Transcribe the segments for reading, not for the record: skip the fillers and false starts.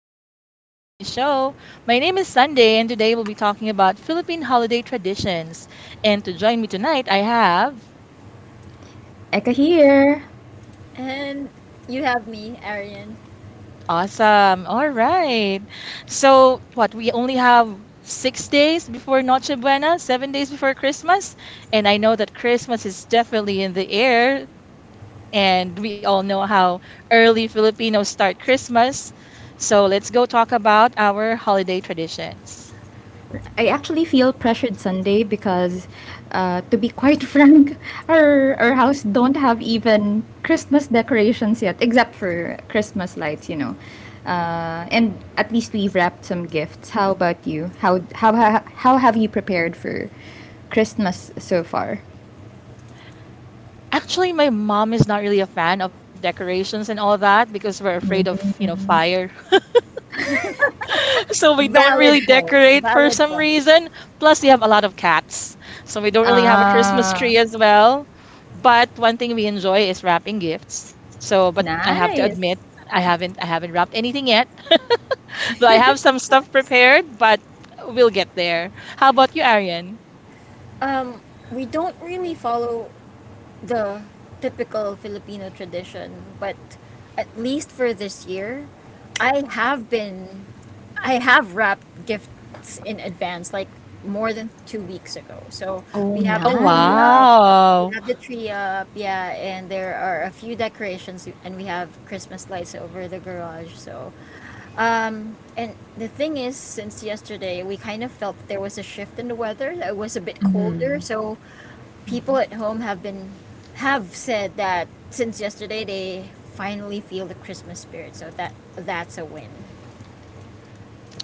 of The Sunday Show. My name is Sunday, and today we'll be talking about Philippine holiday traditions. And to join me tonight, I have. Eka here. And you have me, Arian. Awesome. All right. So, what, we only have 6 days before Noche Buena, 7 days before Christmas. And I know that Christmas is definitely in the air, and we all know how early Filipinos start Christmas. So, let's go talk about our holiday traditions. I actually feel pressured Sunday because, to be quite frank, our house don't have even Christmas decorations yet, except for Christmas lights. And at least we've wrapped some gifts. How about you? How have you prepared for Christmas so far? Actually, my mom is not really a fan of decorations and all that because we're afraid of, you know, fire. So we don't really Valid point. decorate for Valid some point. reason. Plus, we have a lot of cats. So we don't really have a Christmas Ah, tree as well. But one thing we enjoy is wrapping gifts. So, but I have to admit, nice. I haven't wrapped anything yet. Though I have some stuff prepared, but we'll get there. How about you, Arian? Um, we don't really follow the typical Filipino tradition, but at least for this year, I have been, I have wrapped gifts in advance, like more than 2 weeks ago. So Oh, we have the Oh, tree up, nice. Wow. Yeah, and there are a few decorations, and we have Christmas lights over the garage. And the thing is, since yesterday, we kind of felt there was a shift in the weather. It was a bit colder, so people at home have been have said that since yesterday they finally feel the Christmas spirit. So that's a win.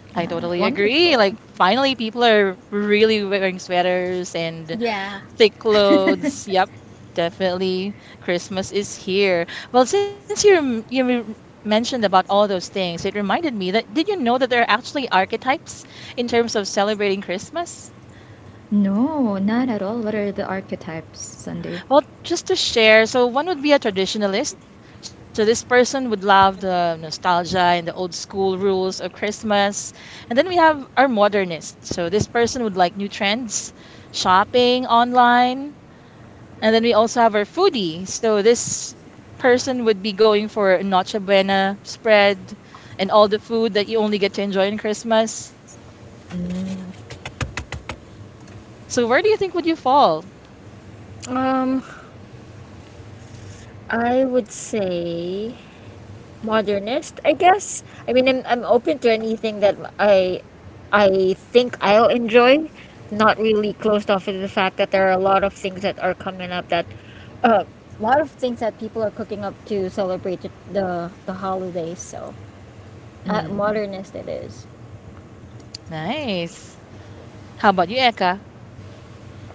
I Nice. totally agree. Wonderful. Like, finally, people are really wearing sweaters and Yeah. thick clothes. Yep, definitely. Christmas is here. Well, since you mentioned about all those things, it reminded me that did you know that there are actually archetypes in terms of celebrating Christmas? No, not at all. What are the archetypes, Sunday? Well, just to share, so one would be a traditionalist. So this person would love the nostalgia and the old school rules of Christmas. And then we have our modernist. So this person would like new trends, shopping online. And then we also have our foodie. So this person would be going for a Noche Buena spread and all the food that you only get to enjoy in Christmas. So where do you think would you fall? Um, I would say modernist, I guess. I mean, I'm open to anything that I think I'll enjoy. Not really closed off to the fact that there are a lot of things that are coming up that a lot of things that people are cooking up to celebrate the holidays. So, modernist it is. Nice. How about you, Eka?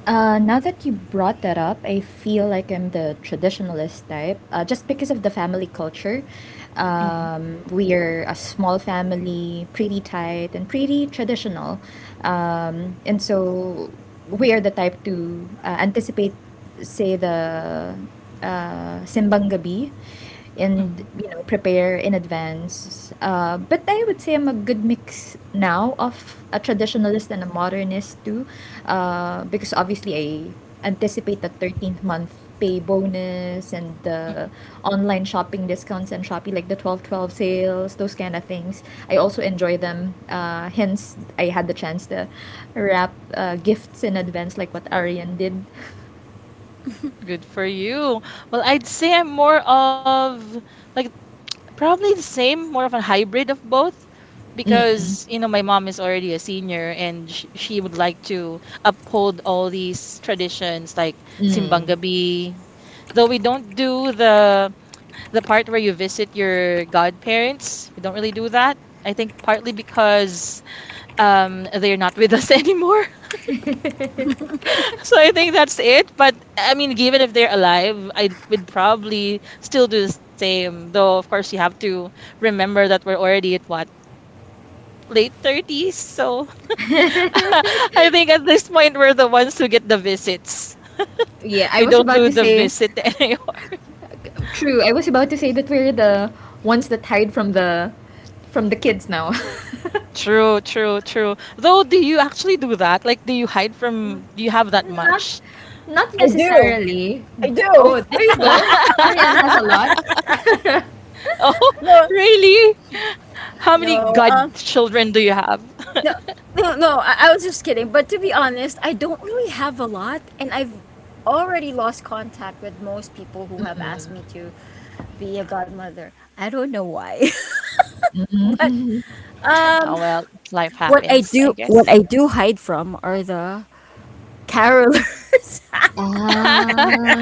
Now that you brought that up, I feel like I'm the traditionalist type. Just because of the family culture, Hmm. We are a small family, pretty tight and pretty traditional, and so we are the type to anticipate say the simbang gabi, and you know prepare in advance, but I would say I'm a good mix now of a traditionalist and a modernist too, because obviously I anticipate the 13th month pay bonus and the Hmm. online shopping discounts, and shopee like the 12.12 sales, those kind of things I also enjoy them, hence I had the chance to wrap gifts in advance like what arian did. Good for you. Well, I'd say I'm more of like probably the same, more of a hybrid of both because you know my mom is already a senior and sh she would like to uphold all these traditions like Mm. Simbang Gabi. Though we don't do the part where you visit your godparents, we don't really do that. I think partly because they're not with us anymore. So I think that's it. But I mean, given if they're alive, I would probably still do the same. Though, of course, you have to remember that we're already at what? Late 30s. So I think at this point, we're the ones who get the visits. Yeah, I We was don't about do to the say visit anymore. true. I was about to say that we're the ones that hide from the kids now. True, true, true. Though, do you actually do that? Like, do you hide from, do you have that Not much? not I do. necessarily. I do. Oh, there you go. Ariane has a lot. Oh, really? No, How many no. godchildren do you have? No, no, no. I was just kidding. But to be honest, I don't really have a lot, and I've already lost contact with most people who have asked me to be a godmother. I don't know why, but Oh, well, life happens, I guess. what I do hide from are the carolers, Ah.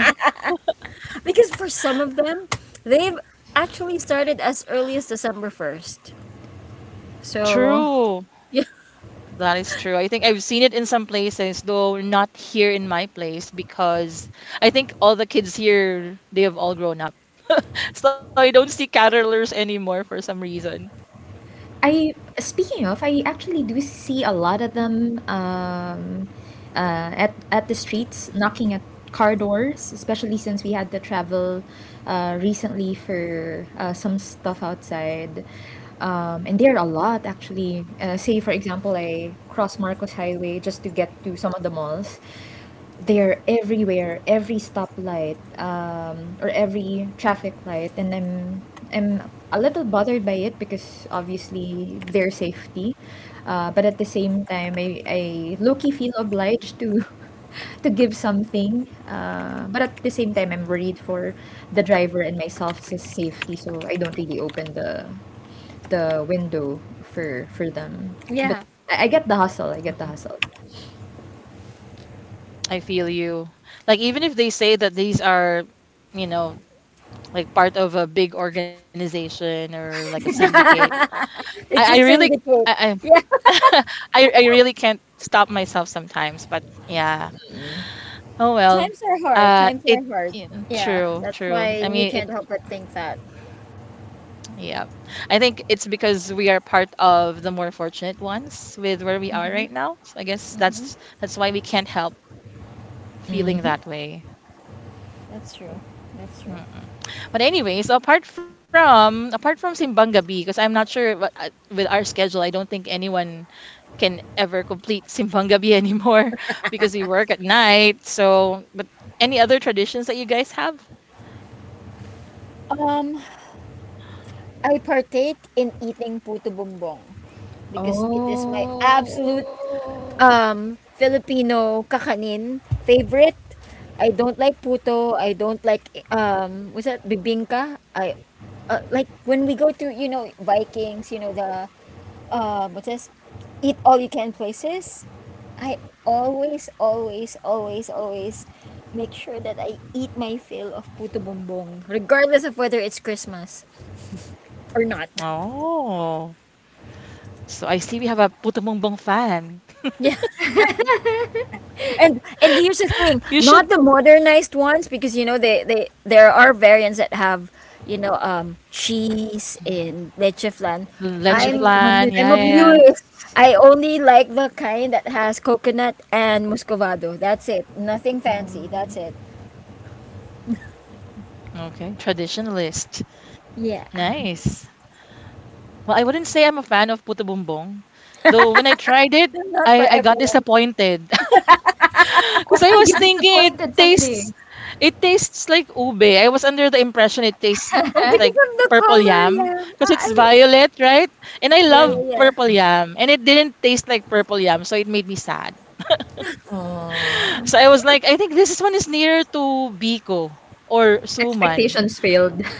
because for some of them, they've actually started as early as December first. So True. yeah, That is true. I think I've seen it in some places, though not here in my place, because I think all the kids here, they have all grown up. So I don't see caterpillars anymore for some reason. I speaking of, I actually do see a lot of them, at the streets knocking at car doors, especially since we had to travel recently for some stuff outside. And there are a lot actually. Say for example, I cross Marcos Highway just to get to some of the malls. They're everywhere, every stoplight, or every traffic light, and I'm a little bothered by it because obviously their safety, but at the same time, I low-key feel obliged to to give something, but at the same time, I'm worried for the driver and myself's safety, so I don't really open the window for them. But yeah, I get the hustle. I get the hustle. I feel you. Like, even if they say that these are, you know, like part of a big organization or like a syndicate, I it's a really, syndicate. I, Yeah. I, I really can't stop myself sometimes. But yeah, oh well, Times are hard. Times it are hard. yeah, Yeah, true, that's true. why I you mean, can't it help but think that. yeah. I think it's because we are part of the more fortunate ones with where we are right hmm now. So I guess hmm that's why we can't help feeling that way. That's true. That's true. Mm. But anyways, apart from Simbang Gabi, because I'm not sure what with our schedule, I don't think anyone can ever complete Simbang Gabi anymore because we work at night. So, but any other traditions that you guys have? Um, I partake in eating puto bumbong because it is my Oh, absolute Filipino kakanin favorite. I don't like puto. I don't like what's that, bibingka. I Like when we go to, you know, Vikings, you know, the what's this, eat all you can places. I always make sure that I eat my fill of puto bumbong regardless of whether it's Christmas or not. Oh. So I see we have a puto fan. Yeah. And here's the thing, You should not the modernized ones because you know they there are variants that have you know cheese and leche flan. leche I flan. like I'm the Yeah, yeah, one with yeah. I'm a purist. cheese. I only like the kind that has coconut and muscovado. That's it. Nothing fancy. That's Aw. it. Okay, traditionalist. Yeah, Nice. Well, I wouldn't say I'm a fan of Puto-Bumbong, though when I tried it, not for I got everyone. disappointed because What I made you was thinking disappointed, Sunday? It tastes like ube. I was under the impression it tastes Oh, like because of purple the yam color. because Yeah, it's I mean, violet, right? And I love yeah, yeah, purple yeah. yam, and it didn't taste like purple yam, so it made me sad. Oh, So I was like, I think this one is nearer to Biko or expectations Suman. failed.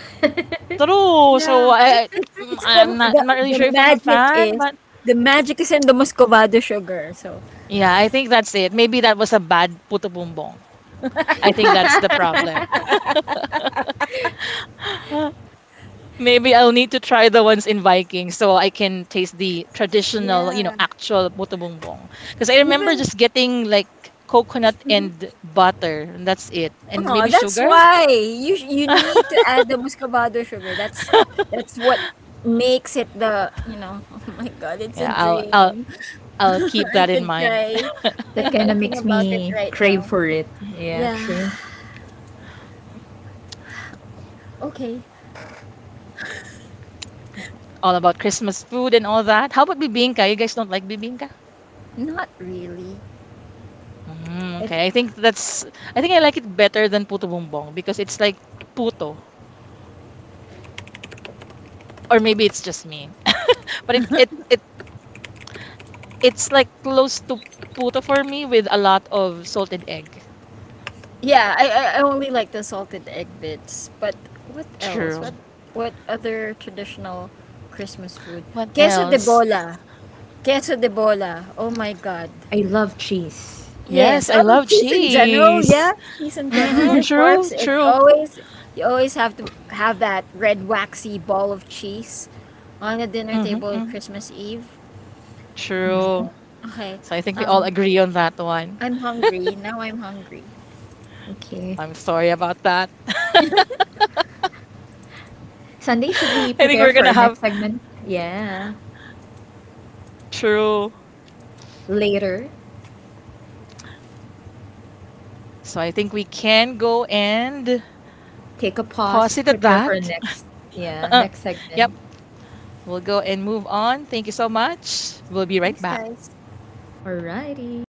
True. Yeah, So I mm, it's I'm not I'm not really sure if I'm a fan, but the magic is in the muscovado sugar. So yeah, I think that's it. Maybe that was a bad putubumbong. I think that's the problem. Maybe I'll need to try the ones in Viking so I can taste the traditional, you know, yeah. actual putubumbong. Because I remember Even just getting like coconut and butter, and that's it. And Oh, maybe that's sugar. why you need to add the muscovado sugar. That's what makes it the, you know, oh my God, Yeah, it's a I'll I'll dream. I'll keep I that in could mind. cry. That I'm kinda thinking makes about it me right crave now. for it. Yeah, Yeah. true. Okay. All about Christmas food and all that. How about bibingka? You guys don't like bibingka? Not really. Mm, I okay, I think that's I think I like it better than puto bumbong because it's like puto, or maybe it's just me. But it's like close to puto for me with a lot of salted egg. Yeah, I only like the salted egg bits. But what else? True. What other traditional Christmas What food? Queso else? de bola. Queso de bola. Oh my God. I love cheese. Yes, Yes, I oh, love cheese in general, cheese. yeah, cheese in general. Mm-hmm. But of True. course, it True. always you always have to have that red waxy ball of cheese on the Mm-hmm. dinner table Hmm. on Christmas Eve. Oh my True. God. Okay, So I think we all um, agree on that one. I'm hungry now. I'm hungry. Okay. I'm sorry about that. I Sunday, should we think prepare we're for gonna our have next segment? Yeah. true. Later. So I think we can go and Take a pause pause, it at prepare for that. our next, yeah, next Yep. segment. We'll go and move on. Thank you so much. We'll be right Thanks, back. guys. Alrighty.